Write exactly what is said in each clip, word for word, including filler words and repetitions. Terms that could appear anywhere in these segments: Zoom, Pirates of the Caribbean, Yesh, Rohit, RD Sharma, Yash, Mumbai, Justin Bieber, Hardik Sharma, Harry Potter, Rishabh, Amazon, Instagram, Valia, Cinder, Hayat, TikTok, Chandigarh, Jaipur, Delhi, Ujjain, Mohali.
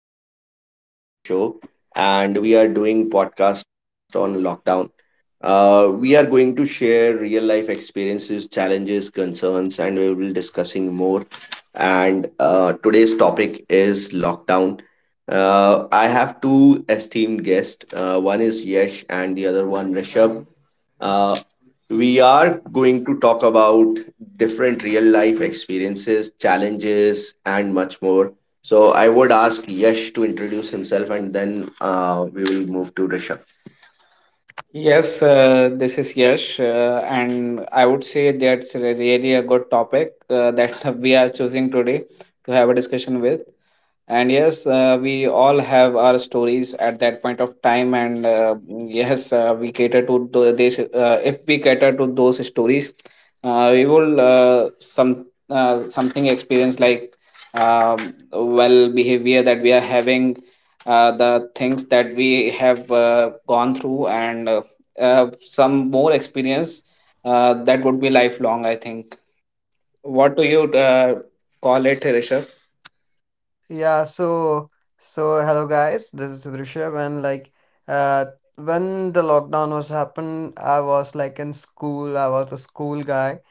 host Rohit for the today's show, and we are doing podcast on lockdown. Uh, we are going to share real life experiences, challenges, concerns, and we will discussing more. And uh, today's topic is lockdown. Uh, I have two esteemed guests. Uh, one is Yesh, and the other one Rishabh. Uh, we are going to talk about different real life experiences, challenges, and much more. So, I would ask Yash to introduce himself and then uh, we will move to Rishabh. Yes, uh, this is Yash, uh, and I would say that's re- really a good topic uh, that we are choosing today to have a discussion with. And yes, uh, we all have our stories at that point of time, and uh, yes, uh, we cater to tho- this. Uh, if we cater to those stories, uh, we will uh, some uh, something experience like um, well behavior that we are having uh, the things that we have uh, gone through and uh, uh, some more experience uh, that would be lifelong, I think. What do you uh, call it, Rishabh? Yeah, so so hello guys, this is Rishabh. And like uh when the lockdown was happened, I was like in school, I was a school guy.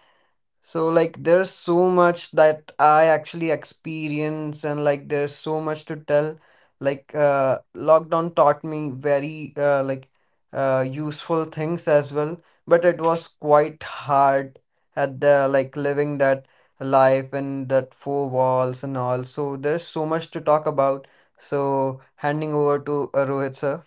So like there's so much that I actually experience, and like there's so much to tell. Like uh lockdown taught me very uh like uh useful things as well, but it was quite hard at the, like, living that life and that four walls and all. So there's so much to talk about. So handing over to, uh, Rohit sir.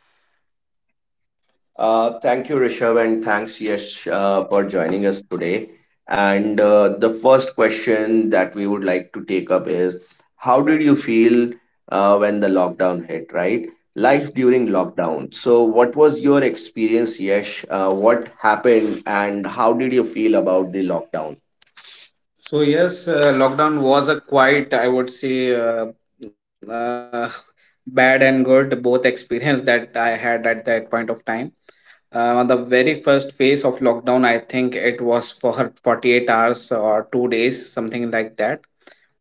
Uh, thank you, Rishabh, and thanks, Yash, uh, for joining us today. And uh, the first question that we would like to take up is: how did you feel uh, when the lockdown hit, right? Life during lockdown. So, what was your experience, Yash? Uh, what happened, and how did you feel about the lockdown? So yes, uh, lockdown was a quite, I would say, uh, uh, bad and good both experience that I had at that point of time. Uh, the very first phase of lockdown, I think it was for forty-eight hours or two days, something like that,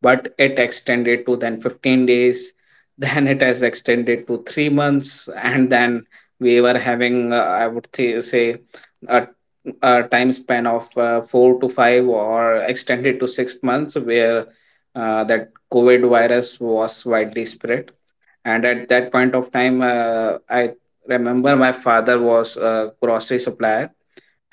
but it extended to then fifteen days, then it has extended to three months, and then we were having uh, i would th- say a, a time span of uh, four to five or extended to six months, where uh, that covid virus was widely spread. And at that point of time, uh, I remember my father was a grocery supplier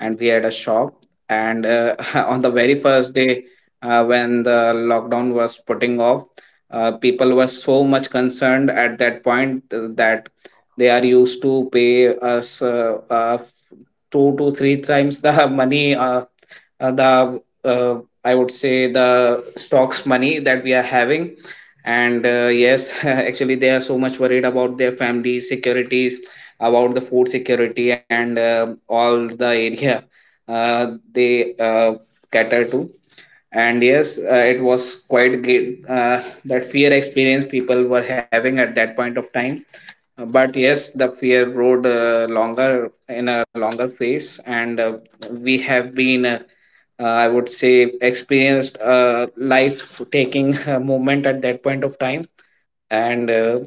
and we had a shop, and uh, on the very first day, uh, when the lockdown was putting off, Uh, people were so much concerned at that point uh, that they are used to pay us uh, uh, two to three times the money, uh, uh, the uh, I would say the stocks money that we are having. And uh, yes, actually, they are so much worried about their family securities, about the food security, and uh, all the area uh, they uh, cater to. And yes, uh, it was quite great uh, that fear experience people were having at that point of time. Uh, but yes, the fear rode uh, longer in a longer phase, and uh, we have been uh, uh, i would say experienced a life taking moment at that point of time. And uh,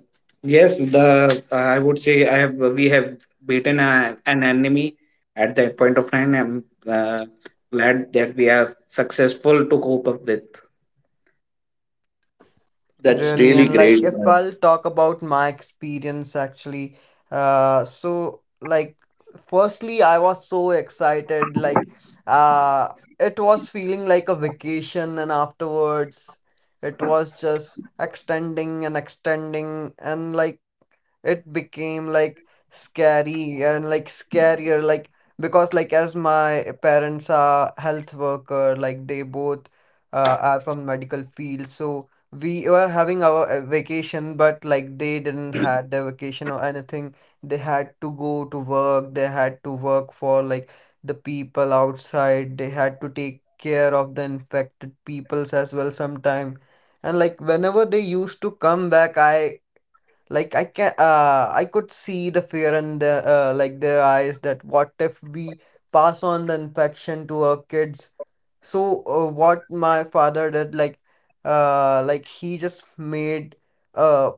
yes, the uh, I would say I have we have beaten a, an enemy at that point of time. I'm uh, glad that we are successful to cope up with. That's Really. And great. like if I'll talk about my experience actually, uh, so like firstly, I was so excited, like, uh, it was feeling like a vacation, and afterwards, it was just extending and extending, and like it became like scary and like scarier, like because like as my parents are health worker, like they both uh, are from medical field, so we were having our uh, vacation, but like they didn't had their vacation or anything. They had to go to work, they had to work for like the people outside, they had to take care of the infected peoples as well sometime. And like whenever they used to come back, I, like, i can uh I could see the fear in the, uh, like, their eyes, that what if we pass on the infection to our kids. So uh, what my father did, like uh like he just made a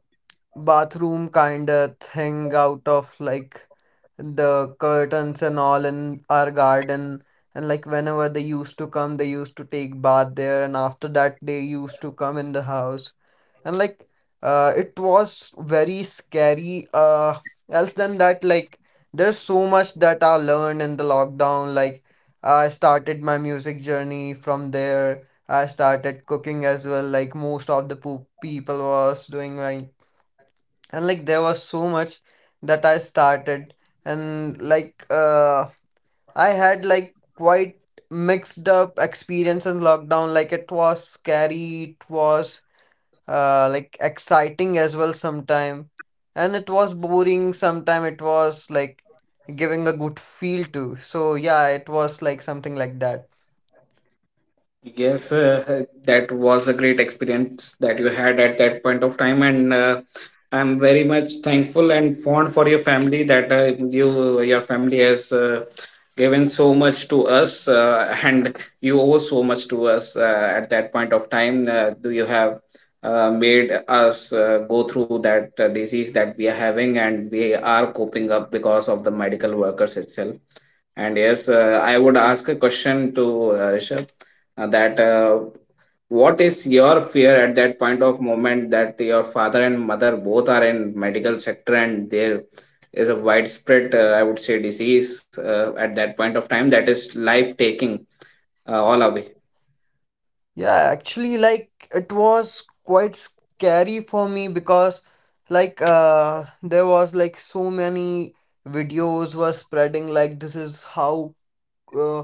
bathroom kind of thing out of like the curtains and all in our garden. And like whenever they used to come, they used to take bath there, and after that they used to come in the house. And like, uh, it was very scary. Uh else than that, like there's so much that I learned in the lockdown. Like I started my music journey from there, I started cooking as well, like most of the po- people was doing, like. And like there was so much that I started. And like uh I had like quite mixed up experience in lockdown. Like it was scary, it was uh, like exciting as well sometime, and it was boring sometime, it was like giving a good feel to. So yeah, it was like something like that. Yes, uh, that was a great experience that you had at that point of time, and uh, I'm very much thankful and fond for your family that uh, you your family has uh, given so much to us, uh, and you owe so much to us uh, at that point of time. Uh, do you have uh, made us uh, go through that uh, disease that we are having, and we are coping up because of the medical workers itself. And yes, uh, I would ask a question to uh, Rishabh uh, that uh, what is your fear at that point of moment that your father and mother both are in medical sector, and there is a widespread uh, i would say disease uh, at that point of time that is life taking uh, all away. Yeah, actually like it was quite scary for me, because like uh there was like so many videos were spreading, like this is how uh,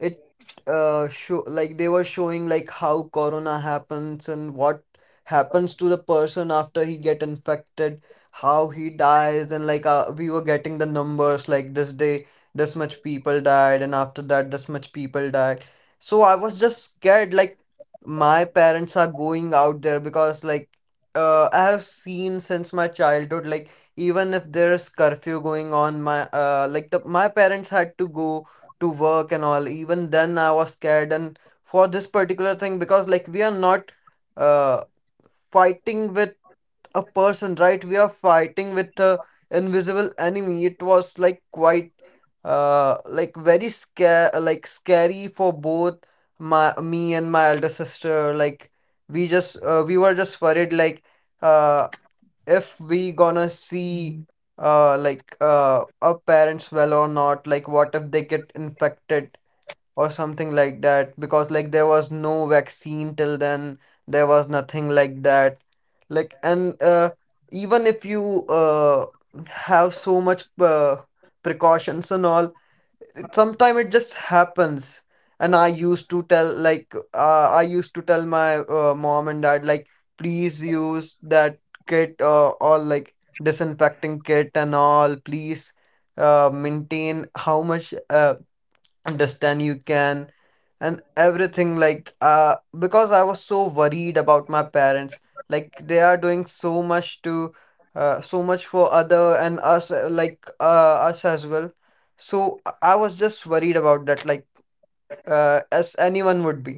it uh show like they were showing like how corona happens and what happens to the person after he get infected, how he dies. And like, uh, we were getting the numbers like this day this much people died, and after that this much people died. So I was just scared, like my parents are going out there, because like uh, I have seen since my childhood, like even if there is curfew going on, my, uh, like, the my parents had to go to work and all, even then I was scared. And for this particular thing, because like we are not uh fighting with a person, right, we are fighting with a invisible enemy. It was like quite uh like very scare like scary for both my me and my elder sister. Like we just uh, we were just worried, like uh if we gonna see, mhm, uh like uh our parents well or not, like what if they get infected or something like that. Because like there was no vaccine till then, there was nothing like that, like. And uh, even if you uh, have so much uh, precautions and all, sometimes it just happens. And I used to tell, like, uh, I used to tell my uh, mom and dad, like please use that kit, uh, or like disinfecting kit and all, please uh, maintain how much uh, distance you can and everything, like uh because I was so worried about my parents, like they are doing so much to, uh, so much for other and us, uh, like uh, us as well. So i I was just worried about that, like uh, as anyone would be.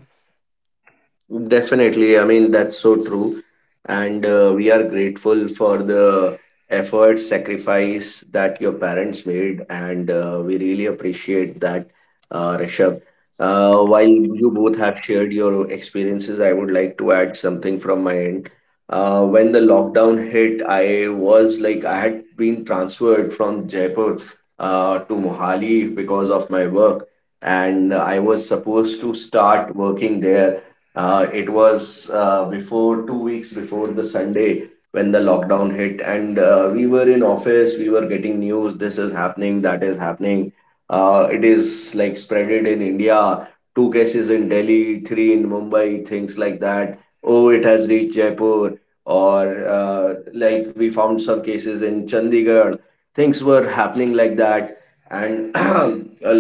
Definitely. I mean, that's so true. And uh, we are grateful for the effort, sacrifice that your parents made. And uh, we really appreciate that, uh, Rishabh. Uh, while you both have shared your experiences, I would like to add something from my end. Uh, when the lockdown hit, I was like, I had been transferred from Jaipur uh, to Mohali because of my work. And I was supposed to start working there, uh, it was uh, before two weeks before the Sunday when the lockdown hit, and uh, we were in office. We were getting news. This is happening. That is happening. Uh, it is like spreaded in India. Two cases in Delhi, three in Mumbai, things like that. Oh, it has reached Jaipur, or uh, like we found some cases in Chandigarh. Things were happening like that, and uh,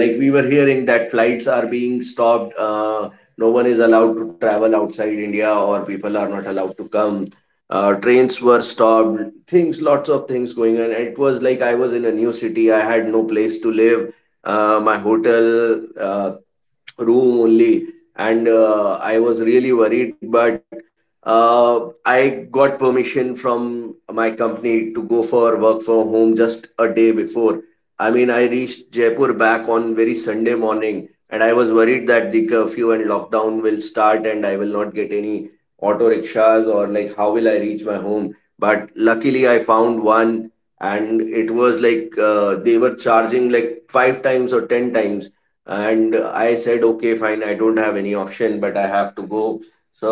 like we were hearing that flights are being stopped. Uh, no one is allowed to travel outside India or people are not allowed to come. Uh, trains were stopped, things, lots of things going on. It was like I was in a new city, I had no place to live. Uh, my hotel, uh, room only, and uh, i was really worried, but uh, i got permission from my company to go for work from home. Just a day before, I mean, I reached Jaipur back on very Sunday morning, and I was worried that the curfew and lockdown will start and I will not get any auto rickshaws, or like how will I reach my home. But luckily I found one, and it was like uh, they were charging like five times or ten times, and I said okay, fine, I don't have any option, but I have to go. So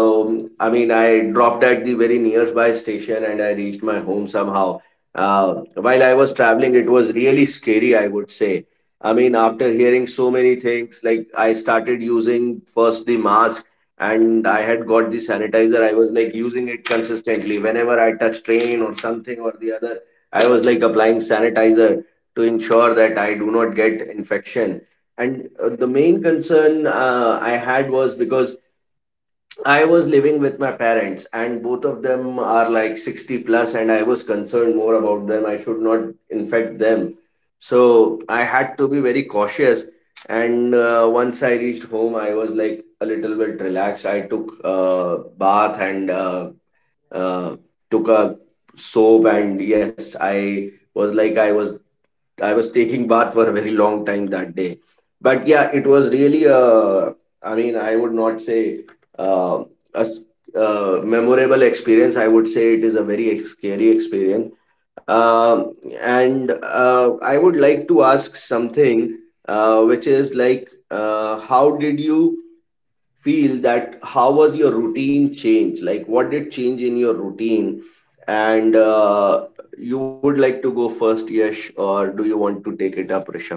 I mean, I dropped at the very nearby station and I reached my home somehow. Uh, while I was traveling, it was really scary, I would say. I mean, after hearing so many things, like I started using first the mask, and I had got the sanitizer. I was like using it consistently. Whenever I touched train or something or the other, I was like applying sanitizer to ensure that I do not get infection. And uh, the main concern uh, I had was because I was living with my parents, and both of them are like sixty plus, and I was concerned more about them. I should not infect them. So I had to be very cautious. And uh, once I reached home, I was like a little bit relaxed. I took a bath, and uh, uh, took a soap, and yes, I was like, i was i was taking bath for a very long time that day. But yeah, it was really a, I mean, I would not say uh, a s- uh, memorable experience. I would say it is a very ex- scary experience. um, and uh, i would like to ask something uh, which is like, uh, how did you feel, that how was your routine change, like what did change in your routine? And uh, you would like to go first Yash, or do you want to take it up Rishabh?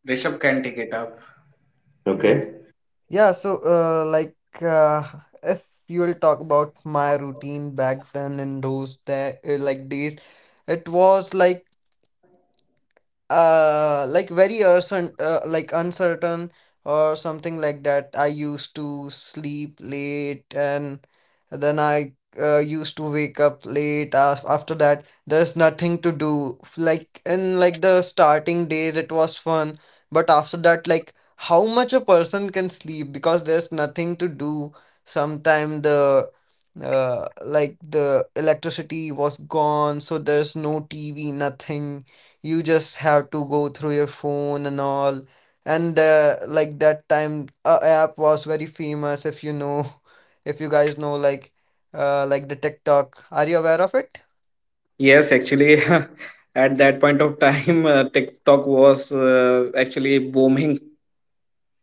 Rishabh can take it up. Okay. Okay. Yeah, so uh, like, uh, if you will talk about my routine back then in those day, uh, like days, it was like uh like very uncertain, uh, like uncertain or something like that. I used to sleep late and then I uh, used to wake up late. Af- after that, there's nothing to do, like in like the starting days it was fun. But after that, like how much a person can sleep, because there's nothing to do. Sometimes the, uh, like, the electricity was gone, so there's no T V, nothing. You just have to go through your phone and all. And uh, like that time, a app was very famous. If you know, if you guys know, like, uh, like the TikTok. Are you aware of it? Yes, actually, at that point of time, uh, TikTok was uh, actually booming.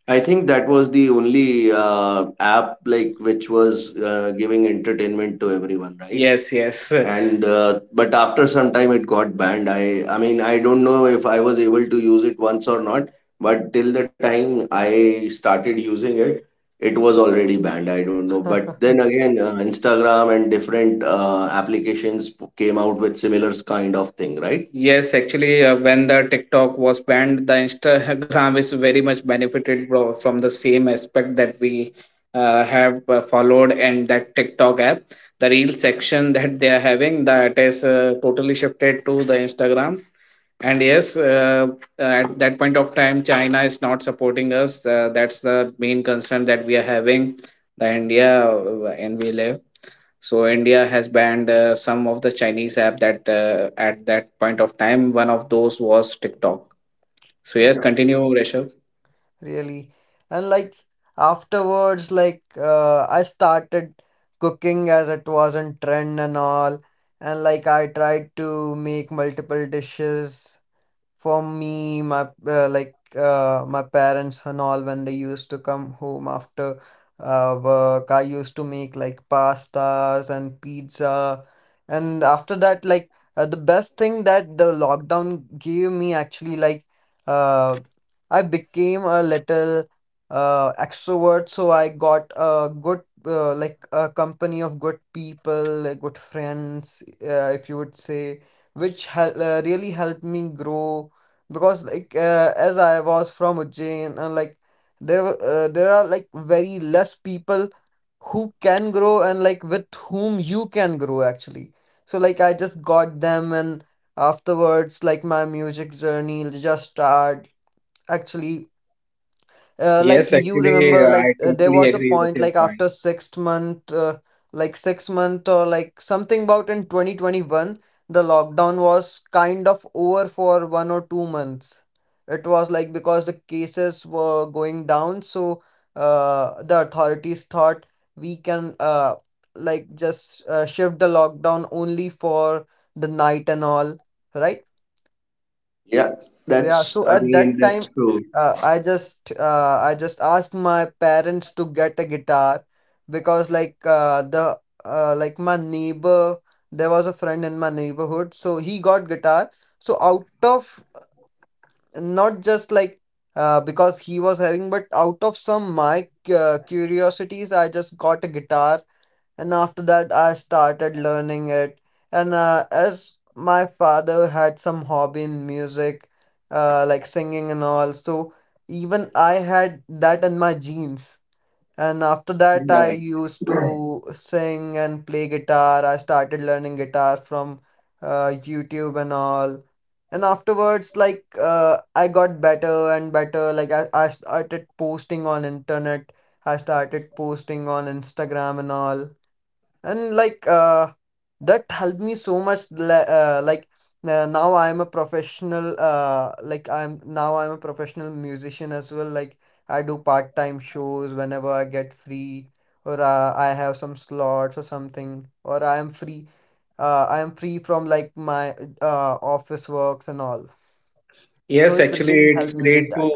I think that was the only uh, app like which was uh, giving entertainment to everyone, right? Yes, yes. And uh, but after some time it got banned. I I mean, I don't know if I was able to use it once or not, but till the time I started using it, it was already banned, I don't know. But then again, uh, Instagram and different uh, applications p- came out with similar kind of thing, right? Yes, actually, uh, when the TikTok was banned, the Instagram is very much benefited bro, from the same aspect that we uh, have uh, followed and that TikTok app. The reel section that they are having, that is uh, totally shifted to the Instagram. And yes, uh, uh, at that point of time, China is not supporting us, uh, that's the main concern that we are having. The India, uh, and we live, so India has banned uh, some of the Chinese app, that uh, at that point of time one of those was TikTok. So yes, Yeah. continue Rishabh. Really. And like afterwards, like uh, I started cooking, as it was in trend and all. And like I tried to make multiple dishes for me, my uh, like uh, my parents and all. When they used to come home after uh, work, I used to make like pastas and pizza. And after that, like uh, the best thing that the lockdown gave me, actually like uh, I became a little uh, extrovert. So I got a good, uh, like, a company of good people, like good friends, uh, if you would say, which hel- uh, really helped me grow. Because like uh, as I was from Ujjain, and like there were- uh, there are like very less people who can grow and like with whom you can grow actually. So like I just got them, and afterwards like my music journey just start, actually uh, like Yes, you remember, like uh, there was a agree with point your like point. after sixth month, uh, like six month or like something about in twenty twenty-one the lockdown was kind of over for one or two months. It was like because the cases were going down. So uh, the authorities thought we can uh, like just uh, shift the lockdown only for the night and all, right? Yeah, Yeah. that's, So I at mean, that that's time, true. uh, I just uh, I just asked my parents to get a guitar. Because like uh, the uh, like my neighbor, there was a friend in my neighborhood, so he got guitar. So out of not just, like, uh, because he was having, but out of some my cu- uh, curiosities, I just got a guitar. And after that I started learning it. And uh, as my father had some hobby in music, uh, like singing and all, so even I had that in my genes. And after that I Right. used to sing and play guitar, I started learning guitar from uh, YouTube and all. And afterwards like uh, I got better and better. Like I, I started posting on internet, I started posting on Instagram and all. And like uh, that helped me so much. Li- uh, like, uh, now I'm a professional, uh, like i'm now I'm a professional musician as well. Like I do part-time shows whenever I get free, or uh, I have some slots or something, or I am free uh, I am free from like my uh, office works and all. So Yes, it actually, really it's helped me great with to that.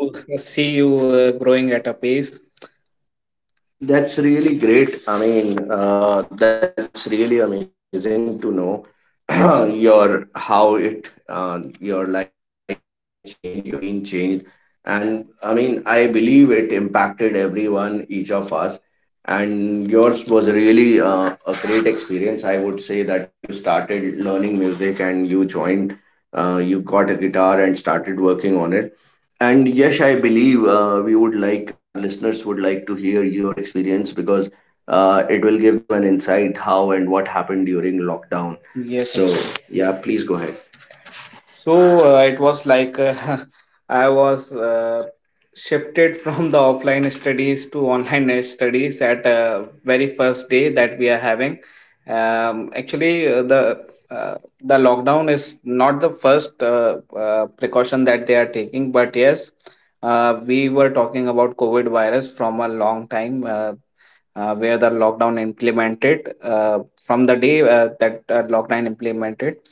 see you uh, growing at a pace. That's really great. I mean, uh, that's really amazing to know your how it uh, your life changed, your routine changed, and I mean, I believe it impacted everyone, each of us. And yours was really uh, a great experience. I would say that you started learning music and you joined, uh, you got a guitar and started working on it. And yes, I believe uh, we would like, our listeners would like to hear your experience, because uh, it will give them an insight how and what happened during lockdown. Yes, so absolutely. Yeah, please go ahead. So uh, it was like uh, I was uh, shifted from the offline studies to online studies at uh, very first day that we are having. Um, actually, uh, the uh, the lockdown is not the first uh, uh, precaution that they are taking, but yes, uh, we were talking about COVID virus from a long time. Uh, uh, where the lockdown implemented uh, from the day uh, that uh, lockdown implemented,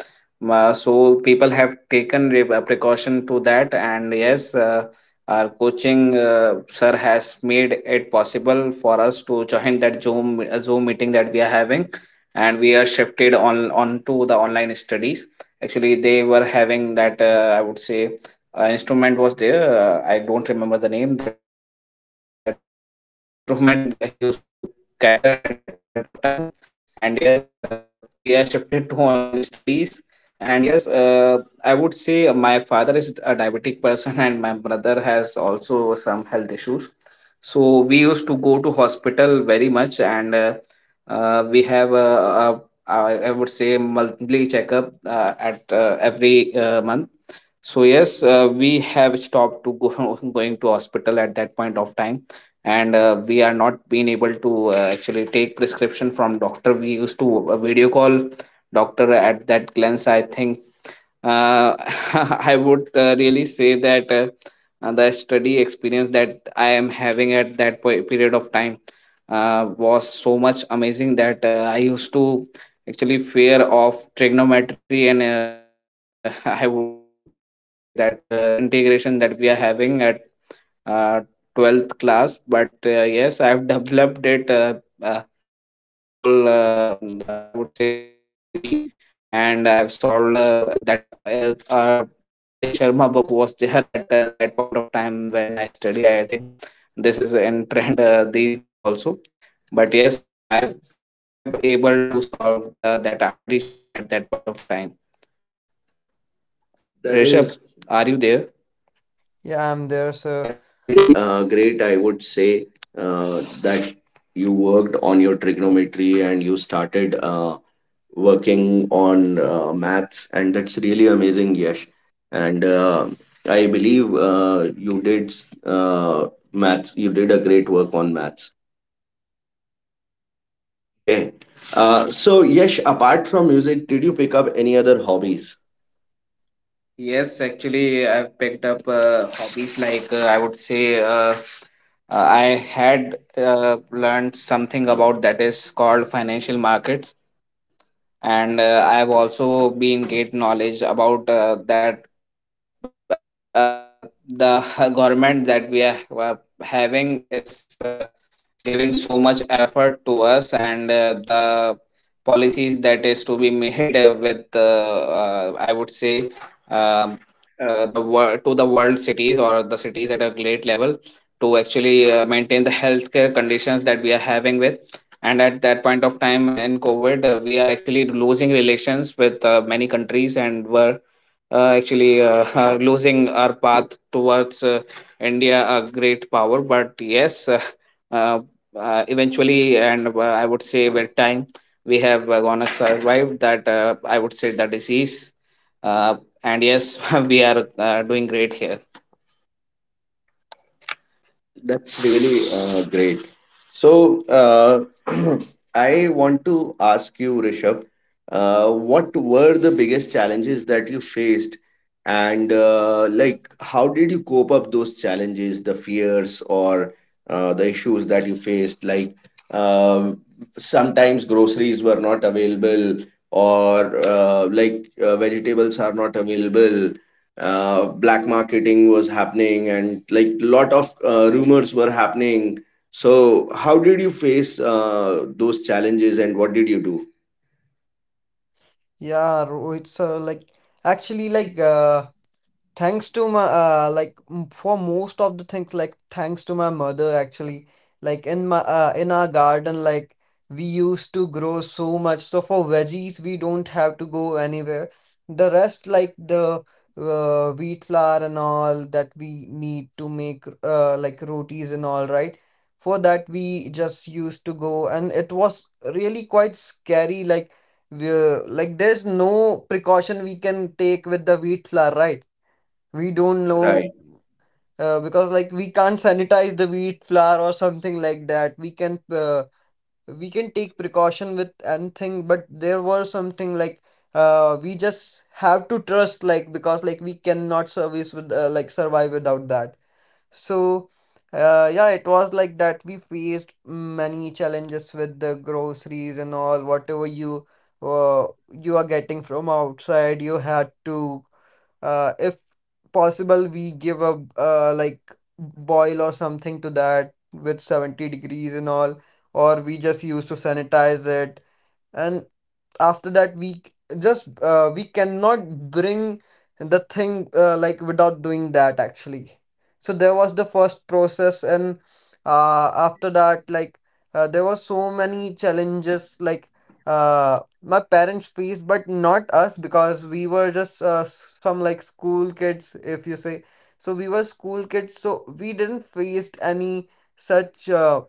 uh, so people have taken re- uh, precaution to that. And yes, uh, our coaching uh, sir has made it possible for us to join that Zoom uh, Zoom meeting that we are having, and we are shifted on onto the online studies. Actually, they were having that uh, I would say uh, instrument was there. Uh, I don't remember the name that uh, instrument that he used to cater at that point of time. And yes, uh, we are shifted to online studies. And yes, uh, I would say my father is a diabetic person, and my brother has also some health issues. So we used to go to hospital very much. And uh, uh, we have a, a, a I would say monthly checkup uh, at uh, every uh, month. So yes, uh, we have stopped to go going to hospital at that point of time. And uh, we are not being able to uh, actually take prescription from doctor. We used to a video call doctor at that glance. I think uh, I would uh, really say that uh, uh, the study experience that I am having at that po- period of time uh, was so much amazing that uh, I used to actually fear of trigonometry, and uh, I would say that uh, integration that we are having at uh, twelfth class. But uh, yes, I have developed it uh, uh, meaningful, uh, the, I would say, knowledge to me. And I have solved uh, that uh, our RD Sharma book was there at uh, that point of time when I study. I think this is in trend uh, these days also. But yes, uh, I have able to solve uh, that Hardik Sharma at that point of time. That Rishabh, is, are you there? Yeah, I'm there. That So is really uh, great. I would say uh, that you worked on your trigonometry, and you started uh, working on uh, maths, and that's really amazing, Yash. And uh, I believe uh, you did uh, maths. You did a great work on maths. Okay. Uh, so, Yash, apart from music, did you pick up any other hobbies? Yes, actually, I've picked up uh, hobbies like, uh, I would say, uh, uh, I had uh, learned something about that is called financial markets. And uh, I have also been great knowledge about uh, that uh, the government that we are uh, having is uh, giving so much effort to us. And uh, the policies that is to be made uh, with uh, uh, I would say, um, uh, the wor- to the world cities, or the cities at a great level, to actually uh, maintain the healthcare conditions that we are having with. And at that point of time in COVID, uh, we are actually losing relations with uh, many countries, and were uh, actually uh, uh, losing our path towards uh, India a great power. But yes, uh, uh, uh, eventually, and uh, I would say with time, we have uh, gonna survive that, uh, I would say, that disease. Uh, and yes, we are uh, doing great here. That's really uh, great. So, uh, I want to ask you, Rishabh, uh, what were the biggest challenges that you faced, and uh, like how did you cope up those challenges, the fears or uh, the issues that you faced? Like uh, sometimes groceries were not available, or uh, like uh, vegetables are not available, uh, black marketing was happening, and like lot of uh, rumors were happening. So how did you face uh, those challenges and what did you do yeah, Ro- it's, uh, like actually, like uh, thanks to my, uh, like m- for most of the things, like thanks to my mother actually. Like in my uh, in our garden, like we used to grow so much, so for veggies we don't have to go anywhere. The rest, like the uh, wheat flour and all that we need to make, uh, like rotis and all right, for that we just used to go. And it was really quite scary. Like we, like there's no precaution we can take with the wheat flour, right, we don't right? know uh, because like we can't sanitize the wheat flour or something like that. we can uh, we can take precaution with anything, but there were something like uh, we just have to trust, like because like we cannot service with uh, like survive without that. So uh, yeah, it was like that. We faced many challenges with the groceries and all. Whatever you uh, you are getting from outside, you had to, uh, if possible we give a, uh, like, boil or something to that with seventy degrees and all, or we just used to sanitize it. And after that we c- just uh, we cannot bring the thing, uh, like, without doing that actually. So there was the first process. And uh, after that, like uh, there was so many challenges, like uh, my parents faced, but not us, because we were just, uh, s- some like school kids, if you say so. We were school kids so we didn't face any such, uh,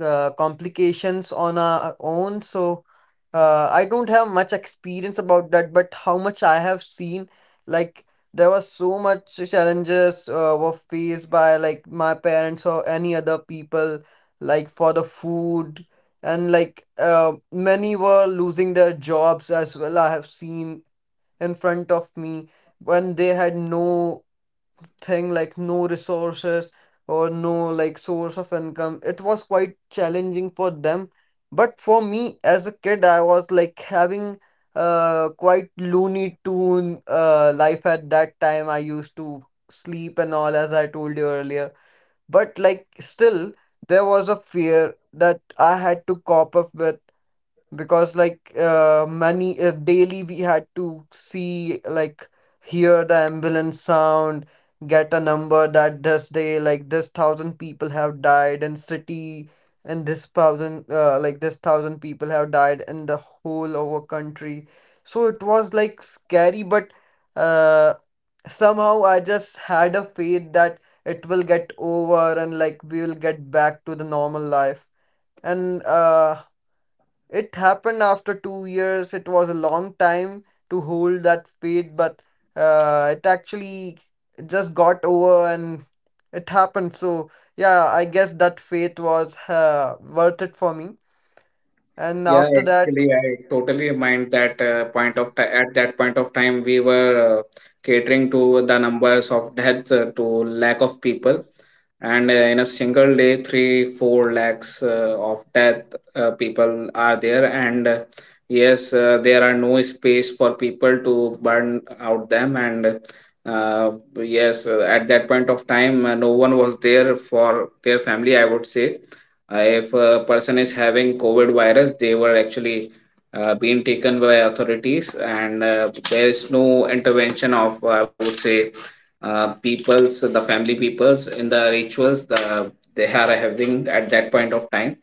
uh, complications on our own. So uh, I don't have much experience about that. But how much I have seen, like there was so much challenges uh, were faced by like my parents or any other people like for the food, and like uh, many were losing their jobs as well. I have seen in front of me when they had no thing like no resources or no like source of income. It was quite challenging for them, but for me as a kid, I was like having uh quite looney tune uh life at that time. I used to sleep and all as I told you earlier, but like still there was a fear that I had to cop up with, because like uh, many uh, daily we had to see like hear the ambulance sound, get a number that this day like this thousand people have died in city, and this thousand uh, like this thousand people have died in the whole of our country. So it was like scary, but uh somehow I just had a faith that it will get over and like we will get back to the normal life, and uh it happened after two years. It was a long time to hold that faith, but uh, it actually just got over and it happened. So, yeah, I guess that faith was uh, worth it for me. And Yeah, after that, actually, I totally mind that uh, point of time. At that point of time, we were uh, catering to the numbers of deaths uh, to lack of people. And uh, in a single day, three, four lakhs uh, of death uh, people are there. And uh, yes, uh, there are no space for people to burn out them. And uh, yes, uh, at that point of time, uh, no one was there for their family. I would say uh, if a person is having COVID virus, they were actually uh, being taken by authorities, and uh, there is no intervention of, I would say, uh, peoples, the family peoples, in the rituals the they are having at that point of time.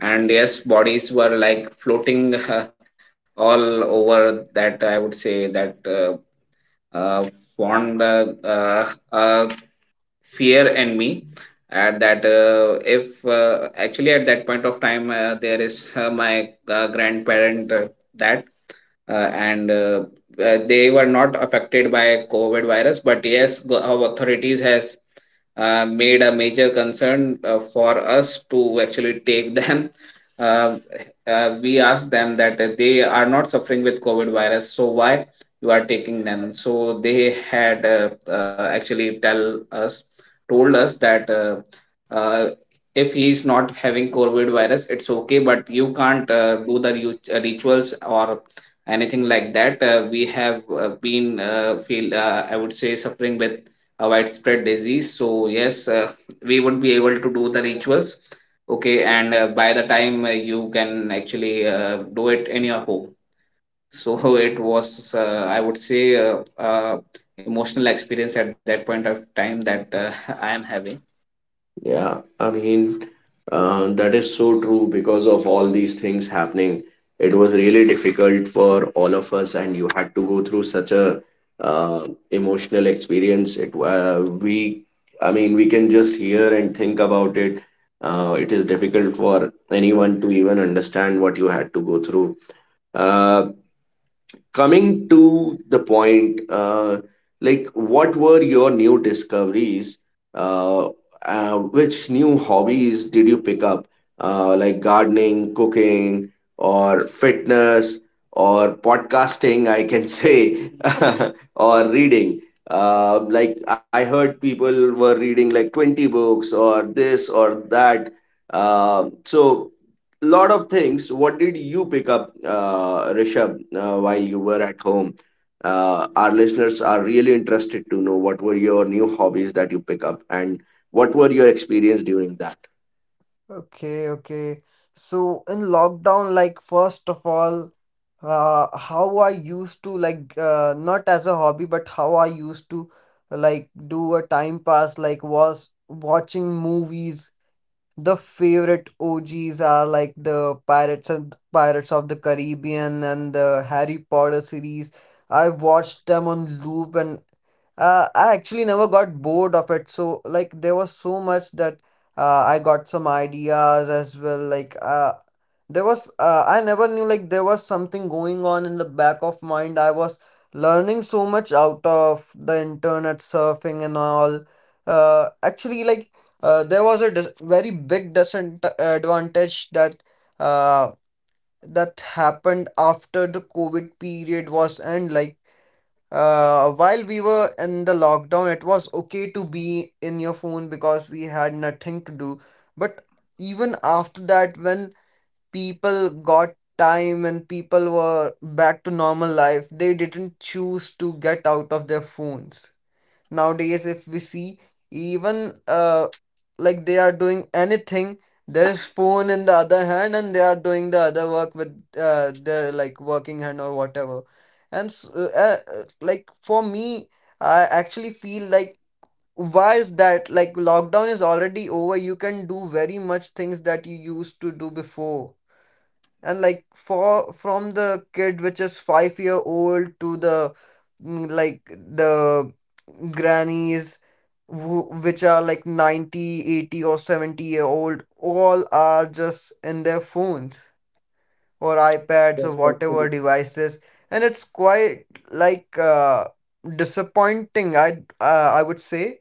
And yes, bodies were like floating all over. That, I would say, that uh, uh, formed uh, uh, uh, fear in me. At that, uh, if uh, actually at that point of time, uh, there is uh, my uh, grandparent, uh, that uh, and uh, uh, they were not affected by COVID virus. But yes, go- our authorities has uh, made a major concern uh, for us to actually take them. Uh, uh, we asked them that uh, they are not suffering with COVID virus, so why you are taking them? So they had uh, uh, actually tell us, told us that uh, uh, if he is not having COVID virus, it's okay, but you can't uh, do the rit- rituals or anything like that. Uh, we have uh, been uh, feel, uh, I would say, suffering with a widespread disease. So yes, uh, we would be able to do the rituals. Okay. And uh, by the time, uh, you can actually uh, do it in your home. So it was, uh, I would say, uh, uh, emotional experience at that point of time that uh, I am having. Yeah, I mean, uh, that is so true. Because of all these things happening, it was really difficult for all of us, and you had to go through such a uh, emotional experience. It uh, we, I mean, we can just hear and think about it. Uh, it is difficult for anyone to even understand what you had to go through. Uh, Coming to the point, uh, like what were your new discoveries? Uh, uh, which new hobbies did you pick up? Uh, like gardening, cooking, or fitness, or podcasting, I can say, or reading. Uh, like I heard people were reading like twenty books or this or that. Uh, so lot of things. What did you pick up, uh, Rishabh, uh, while you were at home? Uh, our listeners are really interested to know what were your new hobbies that you pick up and what were your experience during that. okay, okay. So in lockdown, like first of all, uh, how I used to, like, uh, not as a hobby, but how I used to like do a time pass, like, was watching movies. The favorite O Gs are like the Pirates and Pirates of the Caribbean and the Harry Potter series. I watched them on loop, and uh, I actually never got bored of it. So like there was so much that uh, I got some ideas as well. Like uh, there was uh, I never knew like there was something going on in the back of mind. I was learning so much out of the internet surfing and all. Uh, actually like uh, there was a dis very big disadvantage that uh, that happened after the COVID period was end. Like uh, while we were in the lockdown, it was okay to be in your phone because we had nothing to do. But even after that, when people got time and people were back to normal life, they didn't choose to get out of their phones. Nowadays, if we see, even uh, like they are doing anything, there is phone in the other hand and they are doing the other work with uh, their like working hand or whatever. And s uh, uh, uh, like for me, I actually feel like why is that. Like lockdown is already over, you can do very much things that you used to do before, and like for from the kid which is five year old to the mm, like the grannies who, which are like ninety eighty or seventy year old, all are just in their phones or iPads or whatever devices. And it's quite like uh, disappointing, i uh, i would say.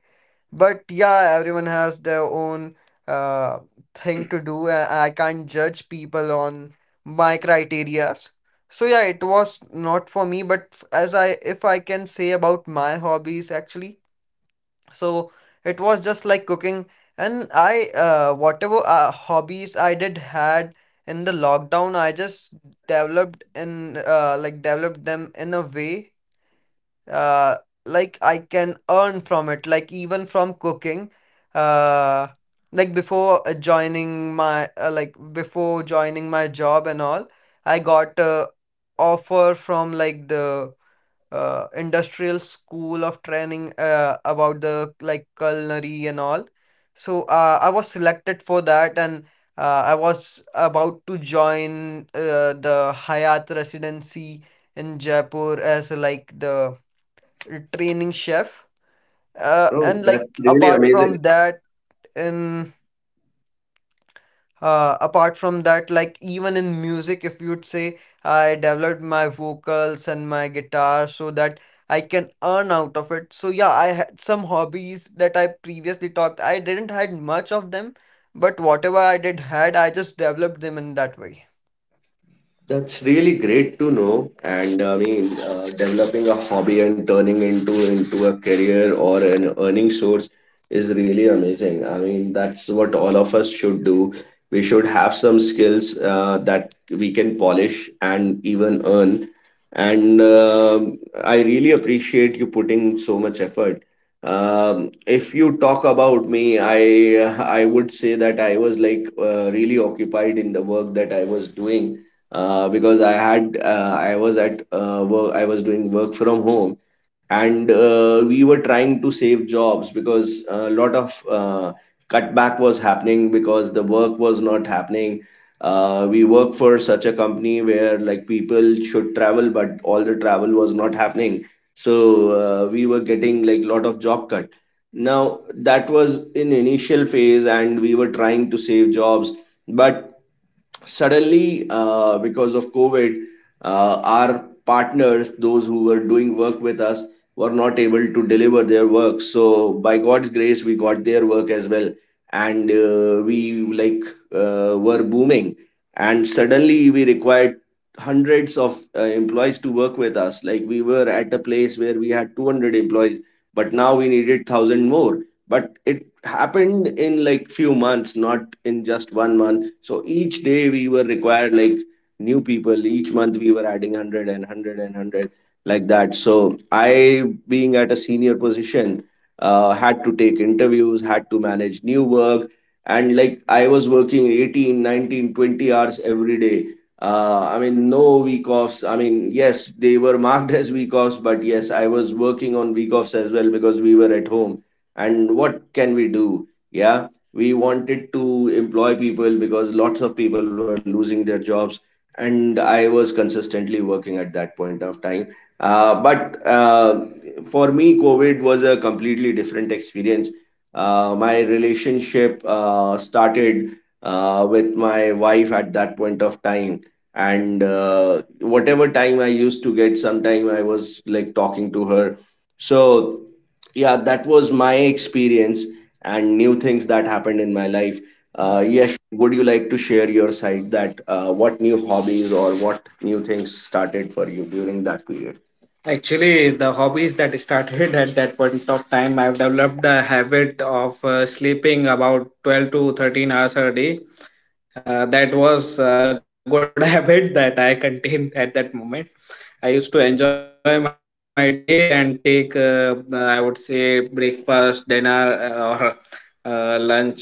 But yeah, everyone has their own uh, thing to do, and I can't judge people on my criterias. So yeah, it was not for me, but f- as I, if I can say about my hobbies actually, so it was just like cooking. And I, uh, whatever uh, hobbies I did had in the lockdown, I just developed in, uh, like developed them in a way uh, like I can earn from it, like even from cooking. Uh, like before uh, joining my uh, like before joining my job and all, I got a offer from like the uh, industrial school of training uh, about the like culinary and all. So uh, I was selected for that and Uh, I was about to join uh, the Hayat Residency in Jaipur as like the training chef uh, Oh, and like really? apart from that in uh, apart from that, like even in music, if you would say, I developed my vocals and my guitar so that I can earn out of it. So yeah, I had some hobbies that I previously talked I didn't had much of them, but whatever I did had, I just developed them in that way, That's really great to know. And I mean, uh, developing a hobby and turning into into a career or an earning source is really amazing. I mean, that's what all of us should do. We should have some skills uh, that we can polish and even earn. And um I really appreciate you putting so much effort. Um, if you talk about me, I I would say that I was like uh, really occupied in the work that I was doing, uh, because I had, uh, I was at uh, work, I was doing work from home. And uh, we were trying to save jobs, because a lot of uh, cutback was happening, because the work was not happening. Uh, we work for such a company where like people should travel, but all the travel was not happening. So uh, we were getting like lot of job cut. Now, that was in initial phase and we were trying to save jobs, but suddenly uh, because of COVID uh, our partners those who were doing work with us were not able to deliver their work. So by God's grace we got their work as well, and uh, we like uh, were booming, and suddenly we required hundreds of uh, employees to work with us. Like we were at a place where we had two hundred employees, but now we needed one thousand more. But it happened in like few months, not in just one month. So each day we were required like new people, each month we were adding one hundred like that. So I, being at a senior position, uh, had to take interviews, had to manage new work, and like I was working eighteen, nineteen, twenty hours every day. uh, I mean, no week offs. I mean, yes, they were marked as week offs, but yes, I was working on week offs as well because we were at home. And what can we do? Yeah, we wanted to employ people because lots of people were losing their jobs, and I was consistently working at that point of time. Uh, but uh, for me, COVID was a completely different experience. Uh, my relationship uh, started uh, with my wife at that point of time, and uh, whatever time I used to get, sometime I was like talking to her. So yeah, that was my experience and new things that happened in my life. uh, right? Yes, would you like to share your side that uh, what new hobbies or what new things started for you during that period? Actually, the hobbies that started at that point of time, I've developed a habit of uh, sleeping about twelve to thirteen hours a day. Uh, that was a good habit that I contained at that moment. I used to enjoy my day and take, uh, I would say, breakfast, dinner, uh, or uh, lunch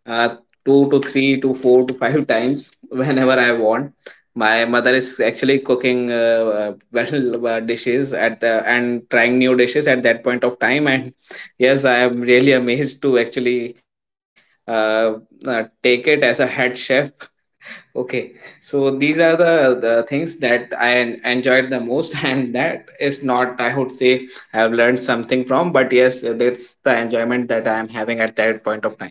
uh, two to three to four to five times whenever I want. My mother is actually cooking uh, well uh, dishes at the and trying new dishes at that point of time, and yes, I am really amazed to actually uh, uh, take it as a head chef. Okay, so these are the, the things that I en- enjoyed the most. And that is not, I would say, I have learned something from, but yes, that's the enjoyment that I am having at that point of time.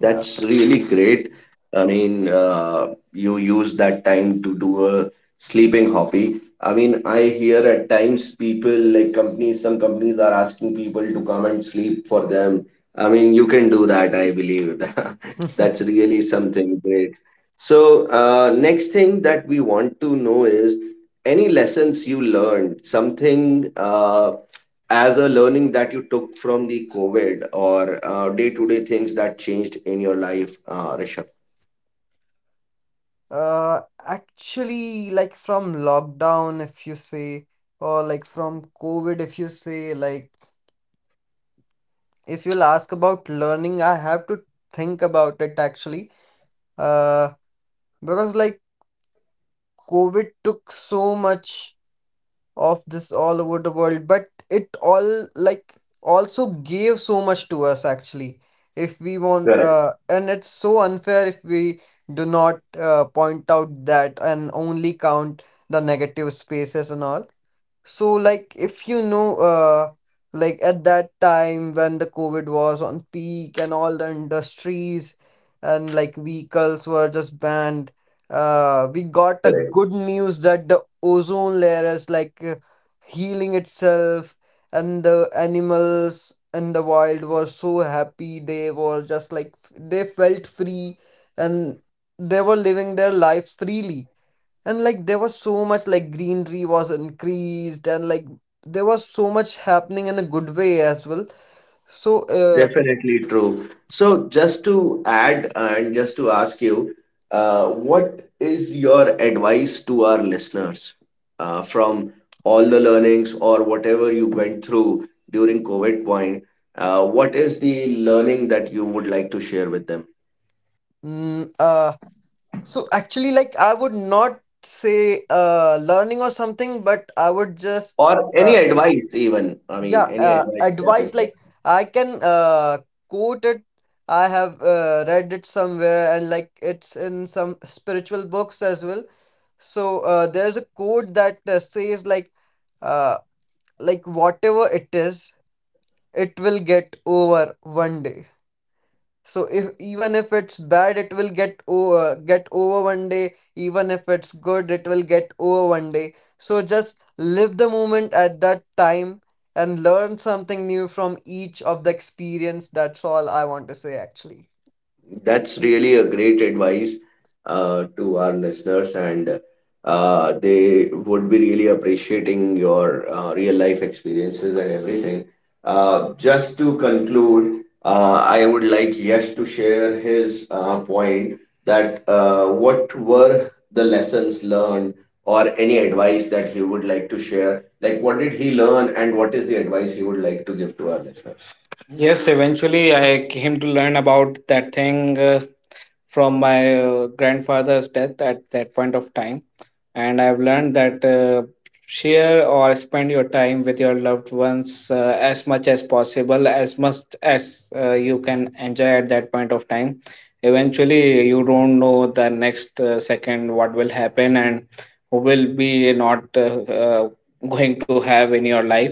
Yeah. really great. I mean, uh, you use that time to do a sleeping hobby. I mean, I hear at times people like companies, some companies are asking people to come and sleep for them. I mean, you can do that, I believe. That's really something great. So, uh, next thing that we want to know is any lessons you learned, something uh, as a learning that you took from the COVID or uh, day-to-day things that changed in your life, uh, Rishabh? Uh, actually, like from lockdown, if you say, or like from COVID, if you say, like if you'll ask about learning, I have to think about it actually. Uh, because like COVID took so much of this all over the world, but it all like also gave so much to us actually, if we want, uh, Correct, and it's so unfair if we do not uh, point out that and only count the negative spaces and all. So, like, if you know, uh, like at that time when the COVID was on peak and all the industries and like vehicles were just banned, uh, we got a correct. good news that the ozone layer is like uh, healing itself, and the animals in the wild were so happy. They were just like f- they felt free and they were living their life freely, and like there was so much like greenery was increased, and like there was so much happening in a good way as well. So uh, Definitely true. So, just to add and just to ask you, uh, what is your advice to our listeners uh, from all the learnings or whatever you went through during COVID point? Uh, what is the learning that you would like to share with them, mm, uh so actually like I would not say uh learning or something, but I would just or any uh advice even? I yeah, mean, any uh, advice that advice, is. like I can uh quote it. I have uh, read it somewhere, and like it's in some spiritual books as well. So uh, there is a quote that uh, says, like, uh like whatever it is, it will get over one day. So if even if it's bad, it will get over get over one day, even if it's good, it will get over one day. So just live the moment at that time and learn something new from each of the experience. That's all I want to say actually. That's really a great advice uh, to our listeners, and uh, they would be really appreciating your uh, real life experiences and everything. Uh, just to conclude, uh, I would like Yash to share his uh, point that uh, what were the lessons learned or any advice that he would like to share? Like, what did he learn, and what is the advice he would like to give to our listeners? Yes, eventually I came to learn about that thing uh, from my uh, grandfather's death at that point of time. And I've learned that uh, share or spend your time with your loved ones uh, as much as possible, as much as uh, you can enjoy at that point of time. Eventually, you don't know the next uh, second what will happen and who will be not uh, uh, going to have in your life.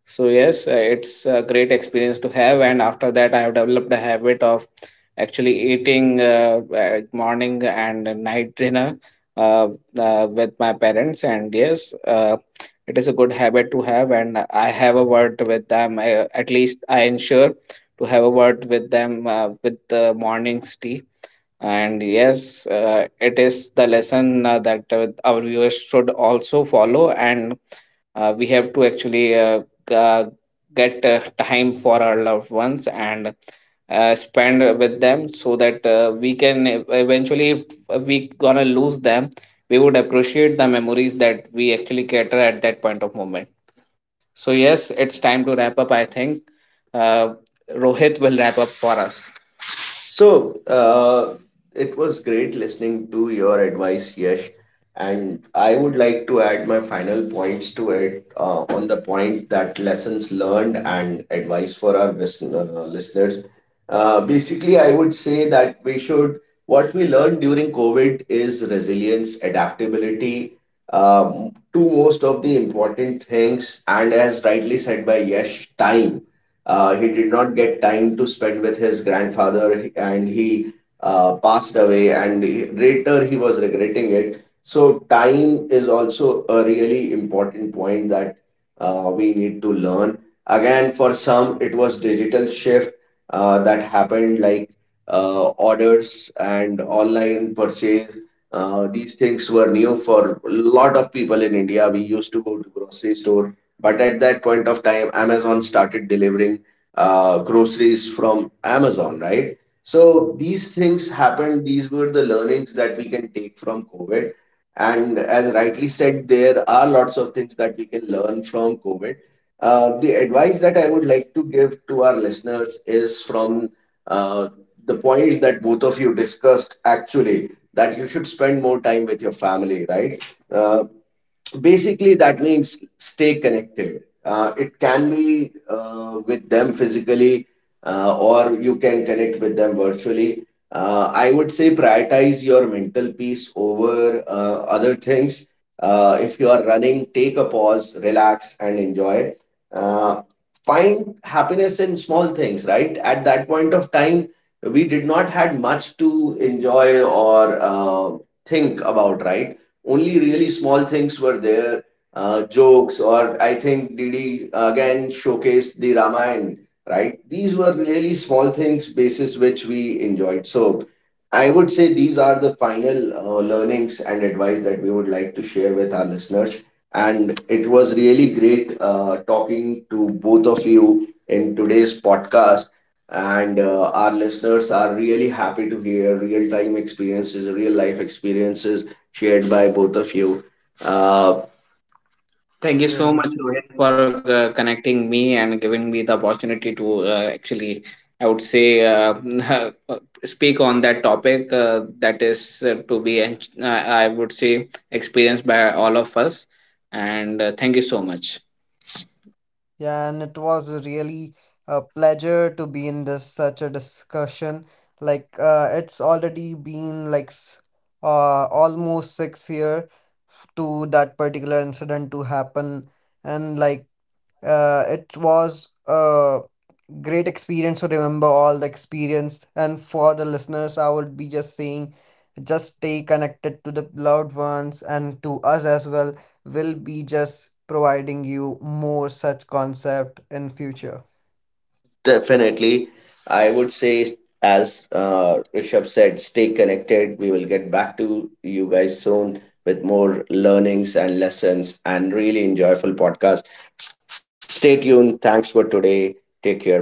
So yes, uh, it's a great experience to have, and after that, I have developed a habit of actually eating uh, uh, morning and night dinner uh, uh, with my parents. And yes, uh, it is a good habit to have, and I have a word with them. I, at least I ensure to have a word with them uh, with the morning's tea, and yes, uh, it is the lesson uh, that uh, our viewers should also follow, and uh, we have to actually uh, g- uh, get uh, time for our loved ones and uh, spend with them, so that uh, we can ev- eventually, if we gonna lose them, we would appreciate the memories that we actually cater at that point of moment. So yes, it's time to wrap up, I think. Uh, Rohit will wrap up for us. So, uh, it was great listening to your advice, Yash. And I would like to add my final points to it uh, on the point that lessons learned and advice for our listen- uh, listeners. Uh, basically, I would say that we should, what we learned during COVID is resilience, adaptability, um, two most of the important things, and as rightly said by Yash, time, uh, he did not get time to spend with his grandfather and he uh, passed away, and he- later he was regretting it. So, time is also a really important point that uh, we need to learn. Again, for some, it was digital shift uh, that happened, like uh, orders and online purchase. Uh, these things were new for a lot of people in India. We used to go to grocery store, but at that point of time, Amazon started delivering uh, groceries from Amazon, right? So these things happened. These were the learnings that we can take from COVID. And as rightly said, there are lots of things that we can learn from COVID. Uh, the advice that I would like to give to our listeners is from uh, the point that both of you discussed actually, that you should spend more time with your family, right? Uh, Basically, that means stay connected. Uh, it can be uh, with them physically uh, or you can connect with them virtually. uh, I would say, prioritize your mental peace over uh, other things. Uh, if you are running, take a pause, relax and enjoy. uh, Find happiness in small things, right? At that point of time, we did not had much to enjoy or uh, think about, right? Only really small things were there. Uh, jokes, or I think Didi again showcased the Ramayana, right? These were really small things basis which we enjoyed. So I would Really, say these are the final uh, learnings and advice that we would like to share with our listeners, and it was really great uh, talking to both of you in today's podcast, and uh, our listeners are really happy to hear real time experiences, real life experiences shared by both of you. Uh, Thank you so really. much, Rohit, for uh, connecting me and giving me the opportunity to uh, actually, I would say, uh, uh, speak on that topic uh, that is uh, to be, en- uh, I would say, experienced by all of us. And uh, thank you so much. Yeah, and it was really a pleasure to be in this such a discussion. Like, uh, it's already been like s- uh, almost six year f- to that particular incident to happen, and like uh, it was uh great experience to remember all the experience. And for the listeners, I would be just saying, just stay connected to the loved ones and to us as well. We'll be just providing you more such concept in future. Definitely. I would say, as uh, Rishabh said, stay connected. We will get back to you guys soon with more learnings and lessons and really enjoyable podcast. Stay tuned. Thanks for today. Take care. Bye.